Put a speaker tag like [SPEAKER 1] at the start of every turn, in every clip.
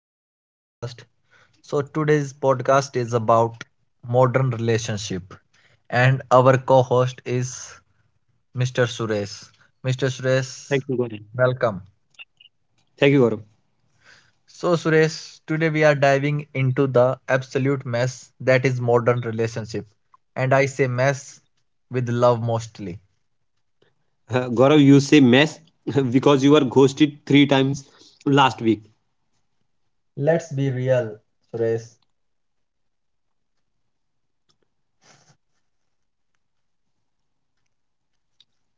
[SPEAKER 1] our new podcast. So today's podcast is about modern relationship and our co-host is Mr. Suresh. Mr.
[SPEAKER 2] Thank
[SPEAKER 1] Suresh,
[SPEAKER 2] you, Gaurav.
[SPEAKER 1] welcome.
[SPEAKER 2] Thank you, Gaurav.
[SPEAKER 1] So Suresh, today we are diving into the absolute mess that is modern relationship, and I say mess with love mostly.
[SPEAKER 2] Gaurav, you say mess because you were ghosted three times last week.
[SPEAKER 1] Let's be real, Suresh.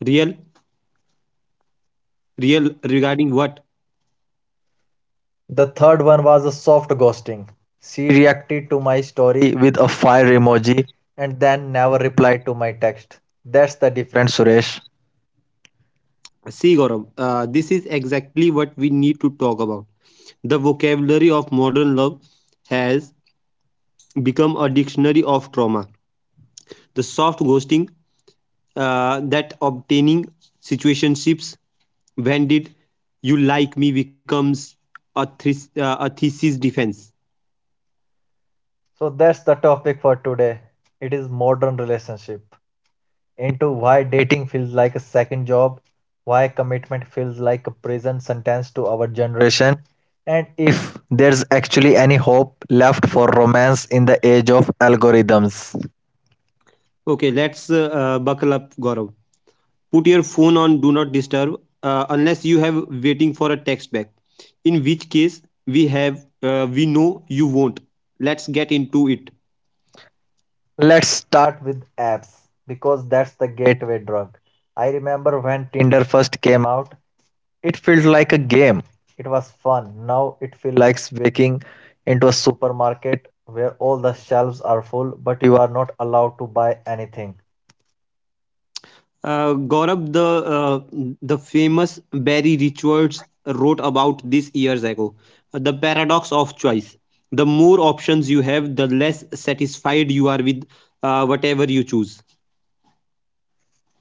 [SPEAKER 2] Real, real regarding what?
[SPEAKER 1] The third one was a soft ghosting. She reacted to my story with a fire emoji and then never replied to my text. That's the difference, Suresh.
[SPEAKER 2] See, Gaurav, this is exactly what we need to talk about. The vocabulary of modern love has become a dictionary of trauma. The soft ghosting, that obtaining situationships, when did you like me becomes a thesis defense.
[SPEAKER 1] So that's the topic for today. It is modern relationship. Into why dating feels like a second job, why commitment feels like a prison sentence to our generation, and if there's actually any hope left for romance in the age of algorithms.
[SPEAKER 2] Okay, let's buckle up, Gaurav. Put your phone on do not disturb, unless you have waiting for a text back, in which case we know you won't. Let's get into it.
[SPEAKER 1] Let's start with apps because that's the gateway drug. I remember when Tinder first came out, it felt like a game. It was fun. Now it feels like waking into a supermarket where all the shelves are full but you are not allowed to buy anything.
[SPEAKER 2] Gaurav, uh, the famous Barry Richards wrote about this years ago. The paradox of choice. The more options you have, the less satisfied you are with whatever you choose.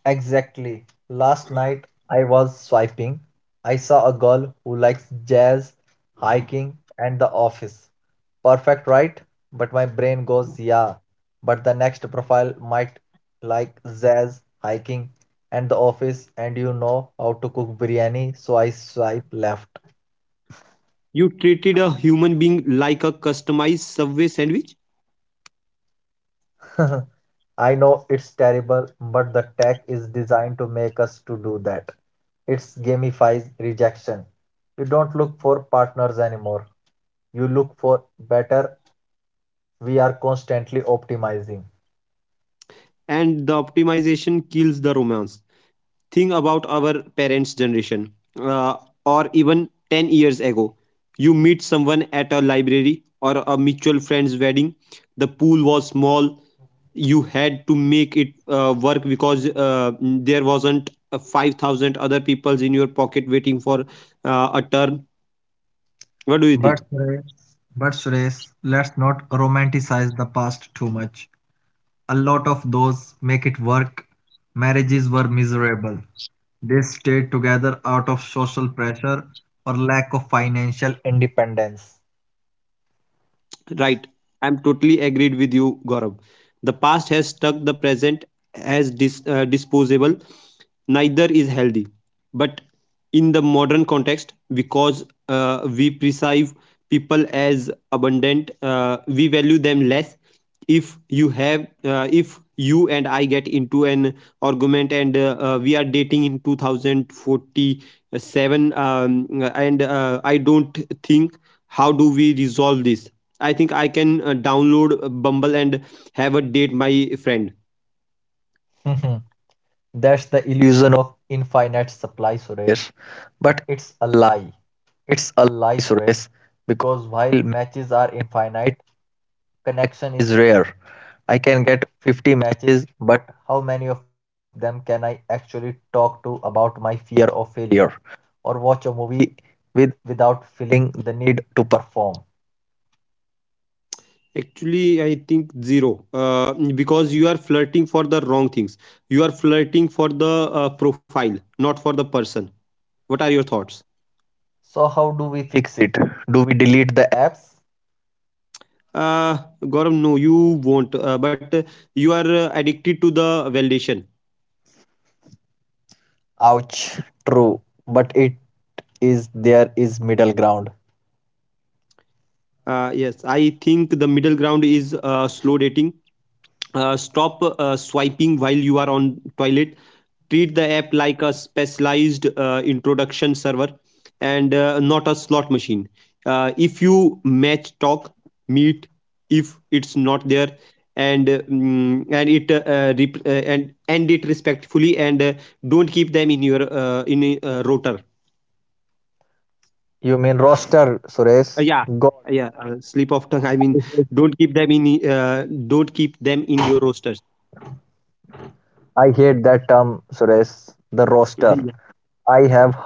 [SPEAKER 1] Exactly. Last night I was swiping. I saw a girl who likes jazz, hiking, and the office. Perfect, right? But my brain goes, yeah. But the next profile might like jazz, hiking, and the office, and you know how to cook biryani, so I swipe left.
[SPEAKER 2] You treated a human being like a customized subway sandwich,
[SPEAKER 1] I know it's terrible, but the tech is designed to make us to do that. It's gamifies rejection. You don't look for partners anymore. You look for better. We are constantly optimizing.
[SPEAKER 2] and the optimization kills the romance. Think about our parents generation, uh, or even 10 years ago. You meet someone at a library or a mutual friend's wedding. The pool was small. You had to make it work, because there wasn't 5,000 other peoples in your pocket waiting for a turn. What do you think?
[SPEAKER 1] But Suresh, but Suresh, let's not romanticize the past too much. A lot of those make it work. Marriages were miserable. They stayed together out of social pressure or lack of financial independence.
[SPEAKER 2] Right. I'm totally agreed with you, Gaurav. The past has stuck the present as disposable. Neither is healthy. But in the modern context, because we perceive people as abundant, we value them less. If you and I get into an argument, and we are dating in 2047, and I don't think, how do we resolve this? I think I can download Bumble and have a date, my friend.
[SPEAKER 1] That's the illusion of infinite supply, Suresh. But it's a lie. It's a lie, Suresh. Because while matches are infinite, connection is rare. I can get 50 matches, but how many of them can I actually talk to about my fear of failure or watch a movie with without feeling the need to perform?
[SPEAKER 2] Actually, I think zero, because you are flirting for the wrong things. You are flirting for the profile, not for the person. What are your thoughts?
[SPEAKER 1] So how do we fix it? Do we delete the apps?
[SPEAKER 2] Uh, Gaurav, no, you won't. But you are addicted to the validation.
[SPEAKER 1] Ouch. True, but it is there is middle ground.
[SPEAKER 2] Yes, I think the middle ground is slow dating. Stop swiping while you are on toilet. Treat the app like a specialized introduction server and not a slot machine. If you match, talk, meet. If it's not there, and mm, and it rep- and end it respectfully, and don't keep them in a rotor.
[SPEAKER 1] You mean roster, Suresh?
[SPEAKER 2] Yeah,
[SPEAKER 1] God,
[SPEAKER 2] yeah, slip of tongue, I mean,
[SPEAKER 1] I hate,
[SPEAKER 2] don't keep them in uh, don't keep them in your rosters.
[SPEAKER 1] I hate that term, Suresh. The roster.
[SPEAKER 2] Yeah.
[SPEAKER 1] I have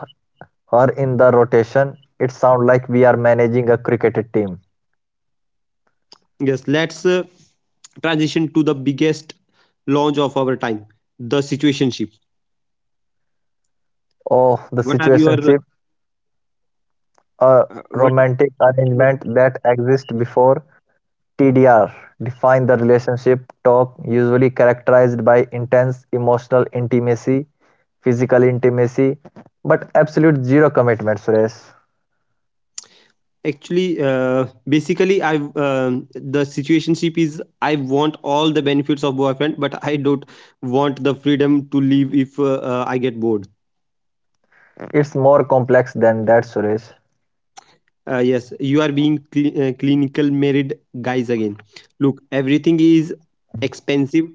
[SPEAKER 1] her in the rotation. It sounds like we are managing a cricket team.
[SPEAKER 2] Yes, let's transition to the biggest launch of our time, the situationship.
[SPEAKER 1] Oh, the
[SPEAKER 2] What are your
[SPEAKER 1] situationship, a
[SPEAKER 2] what? Are-
[SPEAKER 1] romantic
[SPEAKER 2] Yeah.
[SPEAKER 1] arrangement that exists before TDR. Define the relationship talk, usually characterized by intense emotional intimacy, physical intimacy, but absolute zero commitment, Suresh.
[SPEAKER 2] Actually, basically, I um the situationship is, I want all the benefits of boyfriend, but I don't want the freedom to leave if I get bored.
[SPEAKER 1] It's more complex than that, Suresh.
[SPEAKER 2] Yes, you are being clinical married guys again. Look, everything is expensive.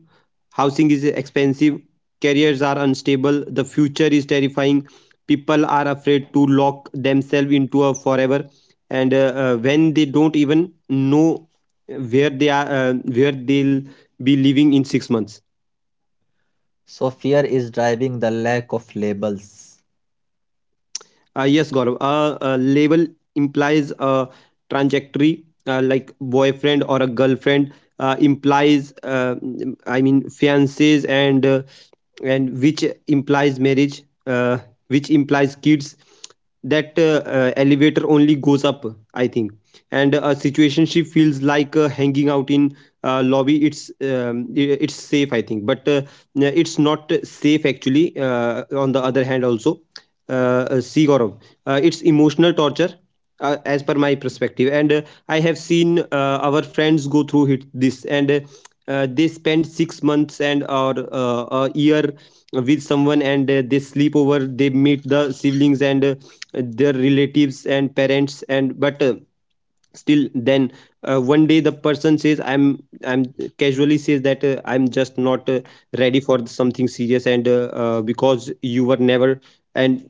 [SPEAKER 2] Housing is expensive. Careers are unstable. The future is terrifying. People are afraid to lock themselves into a forever, and when they don't even know where they'll be living in 6 months.
[SPEAKER 1] So fear is driving the lack of labels.
[SPEAKER 2] Yes, Gaurav. A label implies a trajectory, like boyfriend or a girlfriend implies. I mean, fiancés and which implies marriage, uh, which implies kids. That elevator only goes up, I think. And a situationship feels like hanging out in lobby. It's safe, I think, but it's not safe actually. On the other hand, also see, Gaurav, it's emotional torture as per my perspective, and I have seen our friends go through it, this, and they spend 6 months, and or a year with someone, and they sleep over, they meet the siblings and their relatives and parents, and but. Still then, one day the person says, I'm casually says that I'm just not ready for something serious, and because you were never and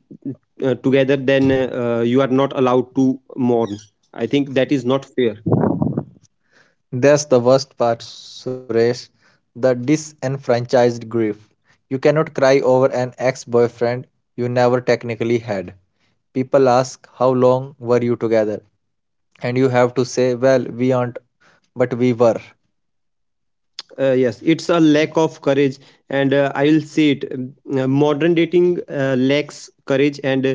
[SPEAKER 2] together, then you are not allowed to mourn. I think that is not fair.
[SPEAKER 1] That's the worst part, Suresh. The disenfranchised grief. You cannot cry over an ex boyfriend you never technically had. People ask, how long were you together? And you have to say, well, we aren't, but we were.
[SPEAKER 2] Yes, it's a lack of courage, and I will say it, modern dating lacks courage, and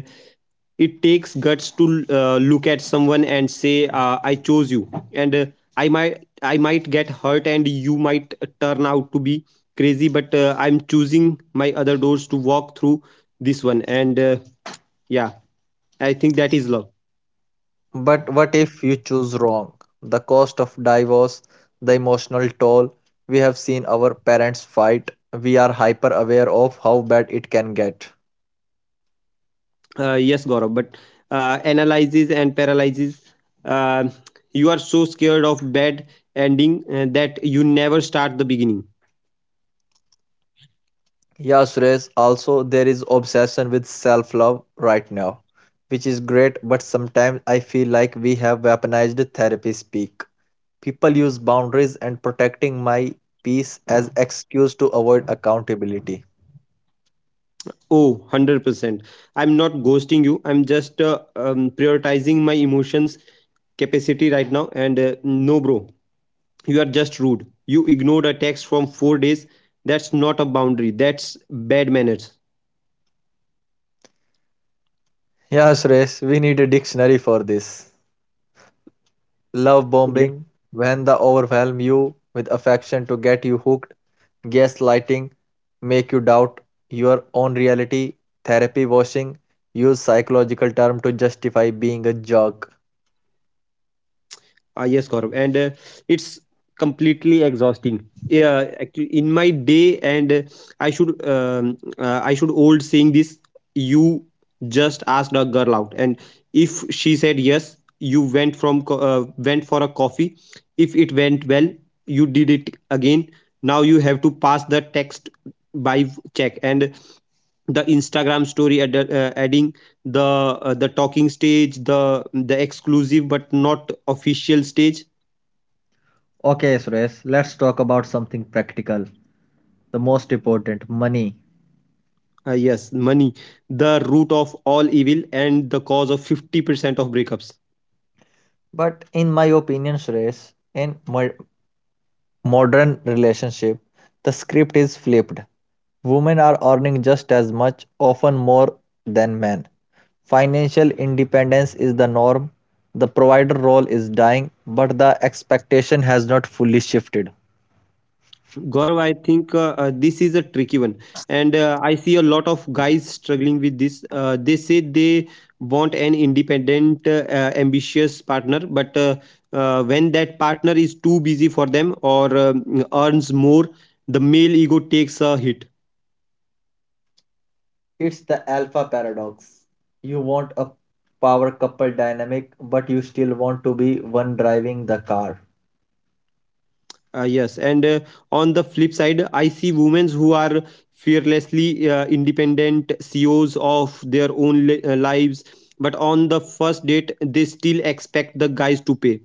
[SPEAKER 2] it takes guts to look at someone and say, I chose you, and i might I might get hurt, and you might turn out to be crazy, but I'm choosing my other doors to walk through this one, and yeah, I think that is love.
[SPEAKER 1] But what if you choose wrong? The cost of divorce, the emotional toll. We have seen our parents fight. We are hyper aware of how bad it can get.
[SPEAKER 2] Yes, Gaurav, but analyzes and paralyzes. Uh, you are so scared of bad ending that you never start the beginning.
[SPEAKER 1] Yeah, Suresh, also there is obsession with self-love right now, which is great, but sometimes I feel like we have weaponized therapy speak. People use boundaries and protecting my peace as excuse to avoid accountability.
[SPEAKER 2] Oh, 100%. I'm not ghosting you. I'm just prioritizing my emotions capacity right now. And no, bro, you are just rude. You ignored a text from 4 days. That's not a boundary. That's bad manners.
[SPEAKER 1] Yeah, Suresh, we need a dictionary for this. Love bombing, when the overwhelm you with affection to get you hooked, gaslighting, make you doubt your own reality. Therapy washing, use psychological term to justify being a jerk.
[SPEAKER 2] Ah, yes, Gaurav, and it's completely exhausting. Yeah, actually, in my day, and I should old saying this. You just asked a girl out, and if she said yes, you went for a coffee. If it went well, you did it again. Now you have to pass the text by check and the Instagram story adding the talking stage, the exclusive but not official stage.
[SPEAKER 1] Okay, Suresh, let's talk about something practical. The most important money.
[SPEAKER 2] Ah, yes, money, the root of all evil and the cause of 50% of breakups.
[SPEAKER 1] But in my opinion, Suresh, in modern relationship, the script is flipped. Women are earning just as much, often more, than men. Financial independence is the norm. The provider role is dying, but the expectation has not fully shifted.
[SPEAKER 2] Gaurav, I think this is a tricky one. And I see a lot of guys struggling with this. They say they want an independent, ambitious partner, but when that partner is too busy for them or earns more, the male ego takes a hit.
[SPEAKER 1] It's the alpha paradox. You want a power couple dynamic, but you still want to be one driving the car.
[SPEAKER 2] Yes, and on the flip side, I see women who are fearlessly independent CEOs of their own lives, but on the first date, they still expect the guys to pay.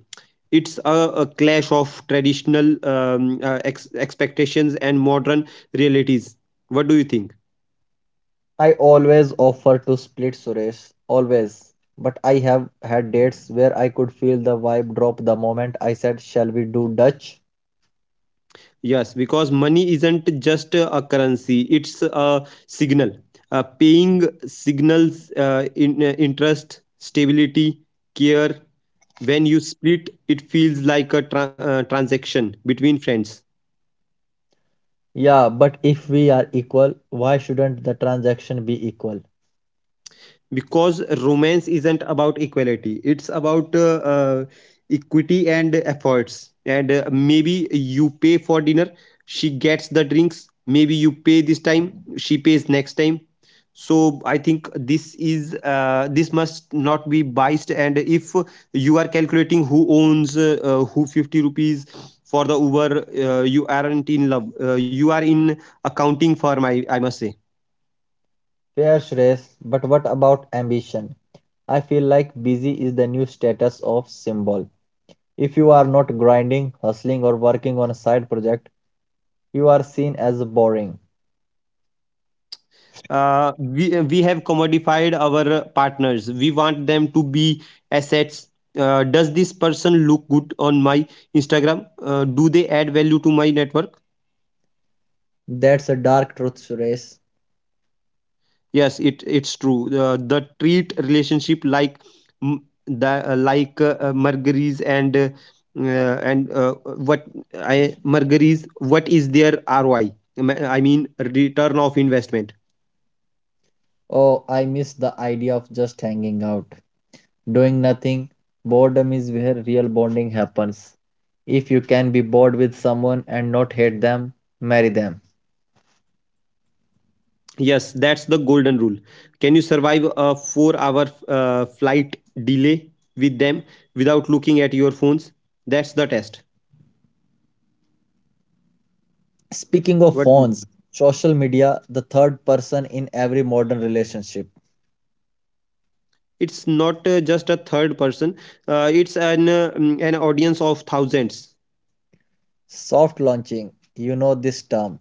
[SPEAKER 2] It's a clash of traditional expectations and modern realities. What do you think?
[SPEAKER 1] I always offer to split Suresh, always. But I have had dates where I could feel the vibe drop the moment I said, shall we do Dutch?
[SPEAKER 2] Yes, because money isn't just a currency, it's a signal. Paying signals interest, stability, care. When you split, it feels like a transaction between friends.
[SPEAKER 1] Yeah, but if we are equal, why shouldn't the transaction be equal?
[SPEAKER 2] Because romance isn't about equality, it's about equity and efforts, and maybe you pay for dinner, she gets the drinks. Maybe you pay this time, she pays next time. So I think this must not be biased, and if you are calculating who owns who 50 rupees for the uber, you aren't in love, you are in accounting firm, I must say.
[SPEAKER 1] Fair, Suresh, but what about ambition? I feel like busy is the new status of symbol. If you are not grinding, hustling, or working on a side project, you are seen as boring.
[SPEAKER 2] We have commodified our partners, we want them to be assets. Does this person look good on my Instagram? Do they add value to my network?
[SPEAKER 1] That's a dark truth, Suresh.
[SPEAKER 2] Yes, it's true. The treat relationship like, mm, the like mergaries, and what, I mergaries, what is their ROI, I mean return of investment.
[SPEAKER 1] Oh, I miss the idea of just hanging out, doing nothing. Boredom is where real bonding happens. If you can be bored with someone and not hate them, marry them.
[SPEAKER 2] Yes, that's the golden rule. Can you survive a 4-hour flight delay with them without looking at your phones? That's the test.
[SPEAKER 1] Speaking of
[SPEAKER 2] What do you think?
[SPEAKER 1] phones, social media, the third person in every modern relationship.
[SPEAKER 2] It's not just a third person, it's an audience of thousands.
[SPEAKER 1] Soft launching, you know this term,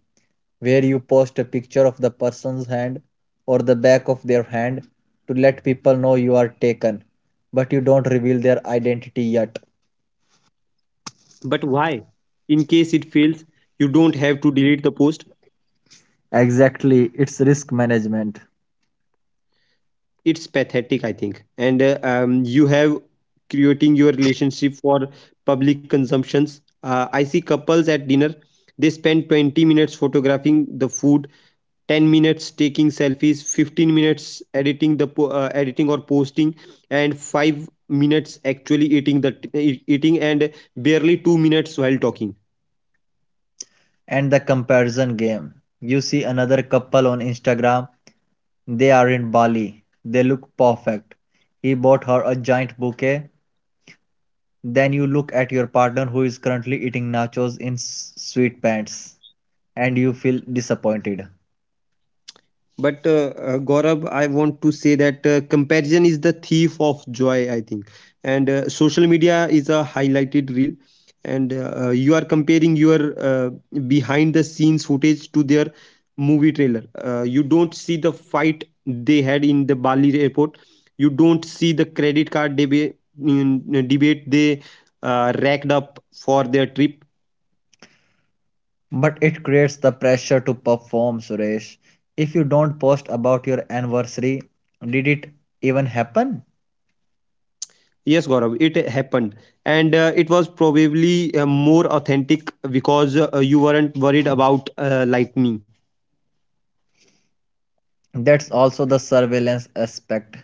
[SPEAKER 1] where you post a picture of the person's hand or the back of their hand to let people know you are taken, but you don't reveal their identity yet.
[SPEAKER 2] But why? In case it fails, you don't have to delete the post.
[SPEAKER 1] Exactly, it's risk management.
[SPEAKER 2] It's pathetic, I think. And you have creating your relationship for public consumptions. I see couples at dinner. They spend 20 minutes photographing the food, 10 minutes taking selfies, 15 minutes editing or posting, and 5 minutes actually eating the t- e- eating and barely 2 minutes while talking.
[SPEAKER 1] And the comparison game. You see another couple on Instagram, they are in Bali, they look perfect. He bought her a giant bouquet. Then you look at your partner who is currently eating nachos in sweet, and you feel disappointed.
[SPEAKER 2] But Gaurav, I want to say that comparison is the thief of joy, I think. And social media is a highlighted reel, and you are comparing your behind the scenes footage to their movie trailer. You don't see the fight they had in the Bali airport, you don't see the credit card debate they racked up for their trip.
[SPEAKER 1] But it creates the pressure to perform, Suresh. If you don't post about your anniversary, did it even happen?
[SPEAKER 2] Yes, Gaurav, it happened. And it was probably more authentic because you weren't worried about lightning.
[SPEAKER 1] That's also the surveillance aspect.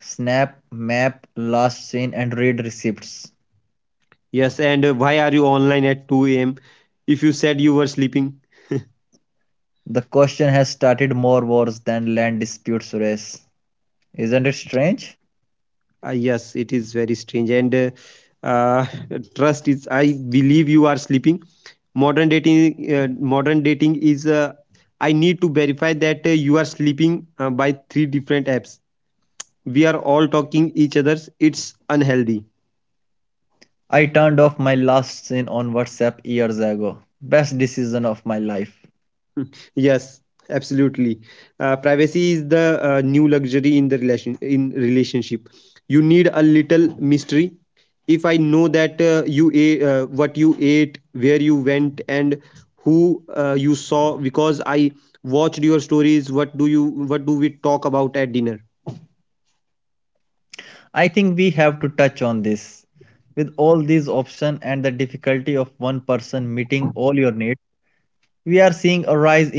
[SPEAKER 1] Snap, map, last seen, and read receipts.
[SPEAKER 2] Yes, and why are you online at 2 a.m. if you said you were sleeping?
[SPEAKER 1] The question has started more wars than land disputes raise. Isn't it strange?
[SPEAKER 2] Yes, it is very strange. And uh, trust is, I believe you are sleeping. Modern dating is, I need to verify that you are sleeping by three different apps. We are all talking each other's. It's unhealthy.
[SPEAKER 1] I turned off my last seen on WhatsApp years ago. Best decision of my life.
[SPEAKER 2] Yes, absolutely. Privacy is the new luxury in the relationship. You need a little mystery. If I know that what you ate, where you went, and who you saw, because I watched your stories. What do you? What do we talk about at dinner?
[SPEAKER 1] I think we have to touch on this. With all these options and the difficulty of one person meeting all your needs, we are seeing a rise in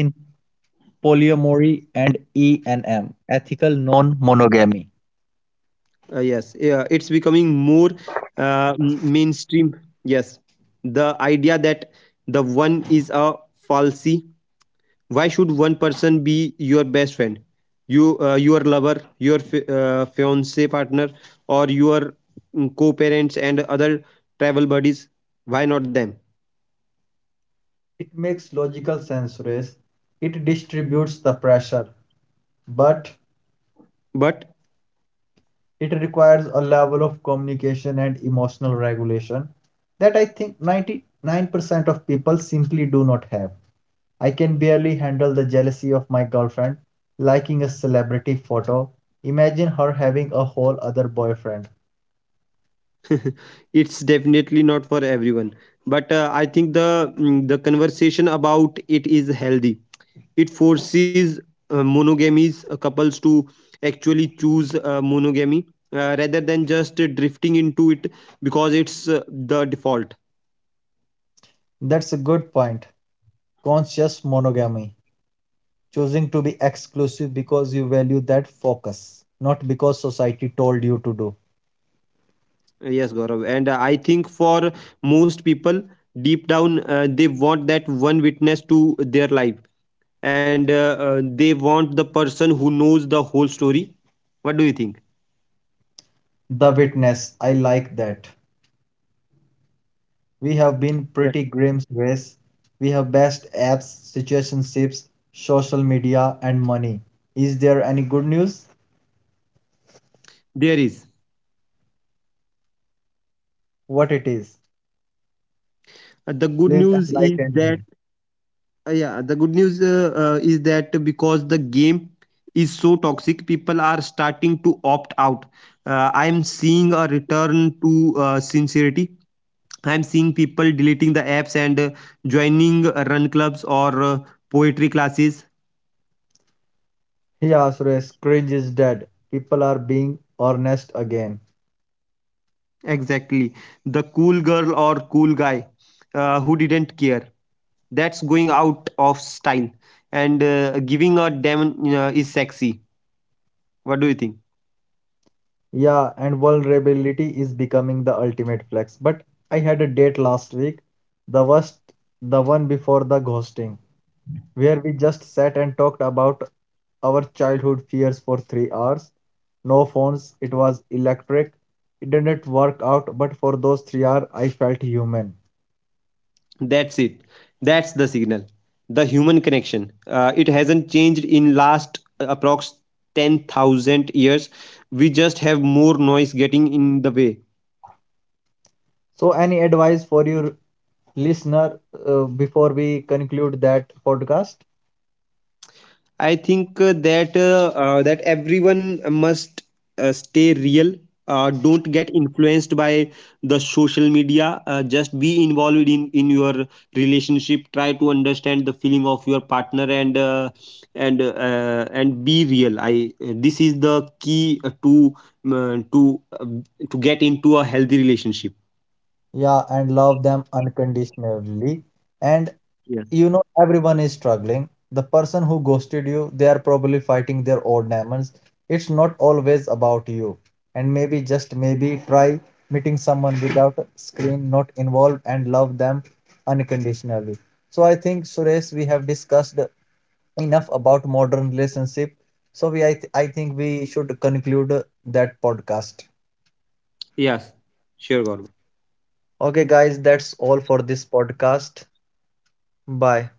[SPEAKER 1] polyamory and E&M, ethical non-monogamy.
[SPEAKER 2] Yes, yeah, it's becoming more mainstream. Yes, the idea that the one is a falsy. Why should one person be your best friend, your lover, your fiance partner, or your co-parents and other travel buddies? Why not them?
[SPEAKER 1] It makes logical sense, Suresh. It distributes the pressure, but
[SPEAKER 2] But
[SPEAKER 1] it requires a level of communication and emotional regulation that I think 99% of people simply do not have. I can barely handle the jealousy of my girlfriend liking a celebrity photo. Imagine her having a whole other boyfriend.
[SPEAKER 2] it's definitely not for everyone. But I think the conversation about it is healthy. It forces monogamies couples to actually choose monogamy, rather than just drifting into it, because it's the default.
[SPEAKER 1] That's a good point. Conscious monogamy, choosing to be exclusive because you value that focus, not because society told you to do.
[SPEAKER 2] Yes, Gaurav. And I think for most people, deep down, they want that one witness to their life. And they want the person who knows the whole story. What do you think?
[SPEAKER 1] The witness, I like that. We have been
[SPEAKER 2] Yeah.
[SPEAKER 1] pretty grim race. We have best apps, situationships, social media, and money. Is there any good news?
[SPEAKER 2] There is.
[SPEAKER 1] What it is?
[SPEAKER 2] The good
[SPEAKER 1] Please
[SPEAKER 2] news is
[SPEAKER 1] enlighten me.
[SPEAKER 2] that, yeah, the good news is that because the game is so toxic, people are starting to opt out. I'm seeing a return to sincerity. I'm seeing people deleting the apps and joining run clubs or poetry classes.
[SPEAKER 1] Yeah, Suresh, cringe is dead. People are being honest again.
[SPEAKER 2] Exactly. The cool girl or cool guy who didn't care. That's going out of style. And giving a damn is sexy. What do you think?
[SPEAKER 1] Yeah, and vulnerability is becoming the ultimate flex. But I had a date last week, the worst, the one before the ghosting, where we just sat and talked about our childhood fears for 3 hours. No phones, it was electric. It didn't work out, but for those 3 hours, I felt human.
[SPEAKER 2] That's it. That's the signal. The human connection. It hasn't changed in last approx 10,000 years. We just have more noise getting in the way.
[SPEAKER 1] So, any advice for your listener before we conclude that podcast?
[SPEAKER 2] I think that everyone must stay real. Don't get influenced by the social media. Just be involved in your relationship. Try to understand the feeling of your partner and be real. I This is the key um, uh, to uh, to get into a healthy relationship.
[SPEAKER 1] Yeah, and love them unconditionally. And
[SPEAKER 2] Yes.
[SPEAKER 1] you know, everyone is struggling. The person who ghosted you, they are probably fighting their old demons. It's not always about you. And maybe, just maybe, try meeting someone without a screen, not involved, and love them unconditionally. So I think, Suresh, we have discussed enough about modern relationship. So I think we should conclude that podcast.
[SPEAKER 2] Yes, sure, Gaurav.
[SPEAKER 1] Okay, guys, that's all for this podcast. Bye.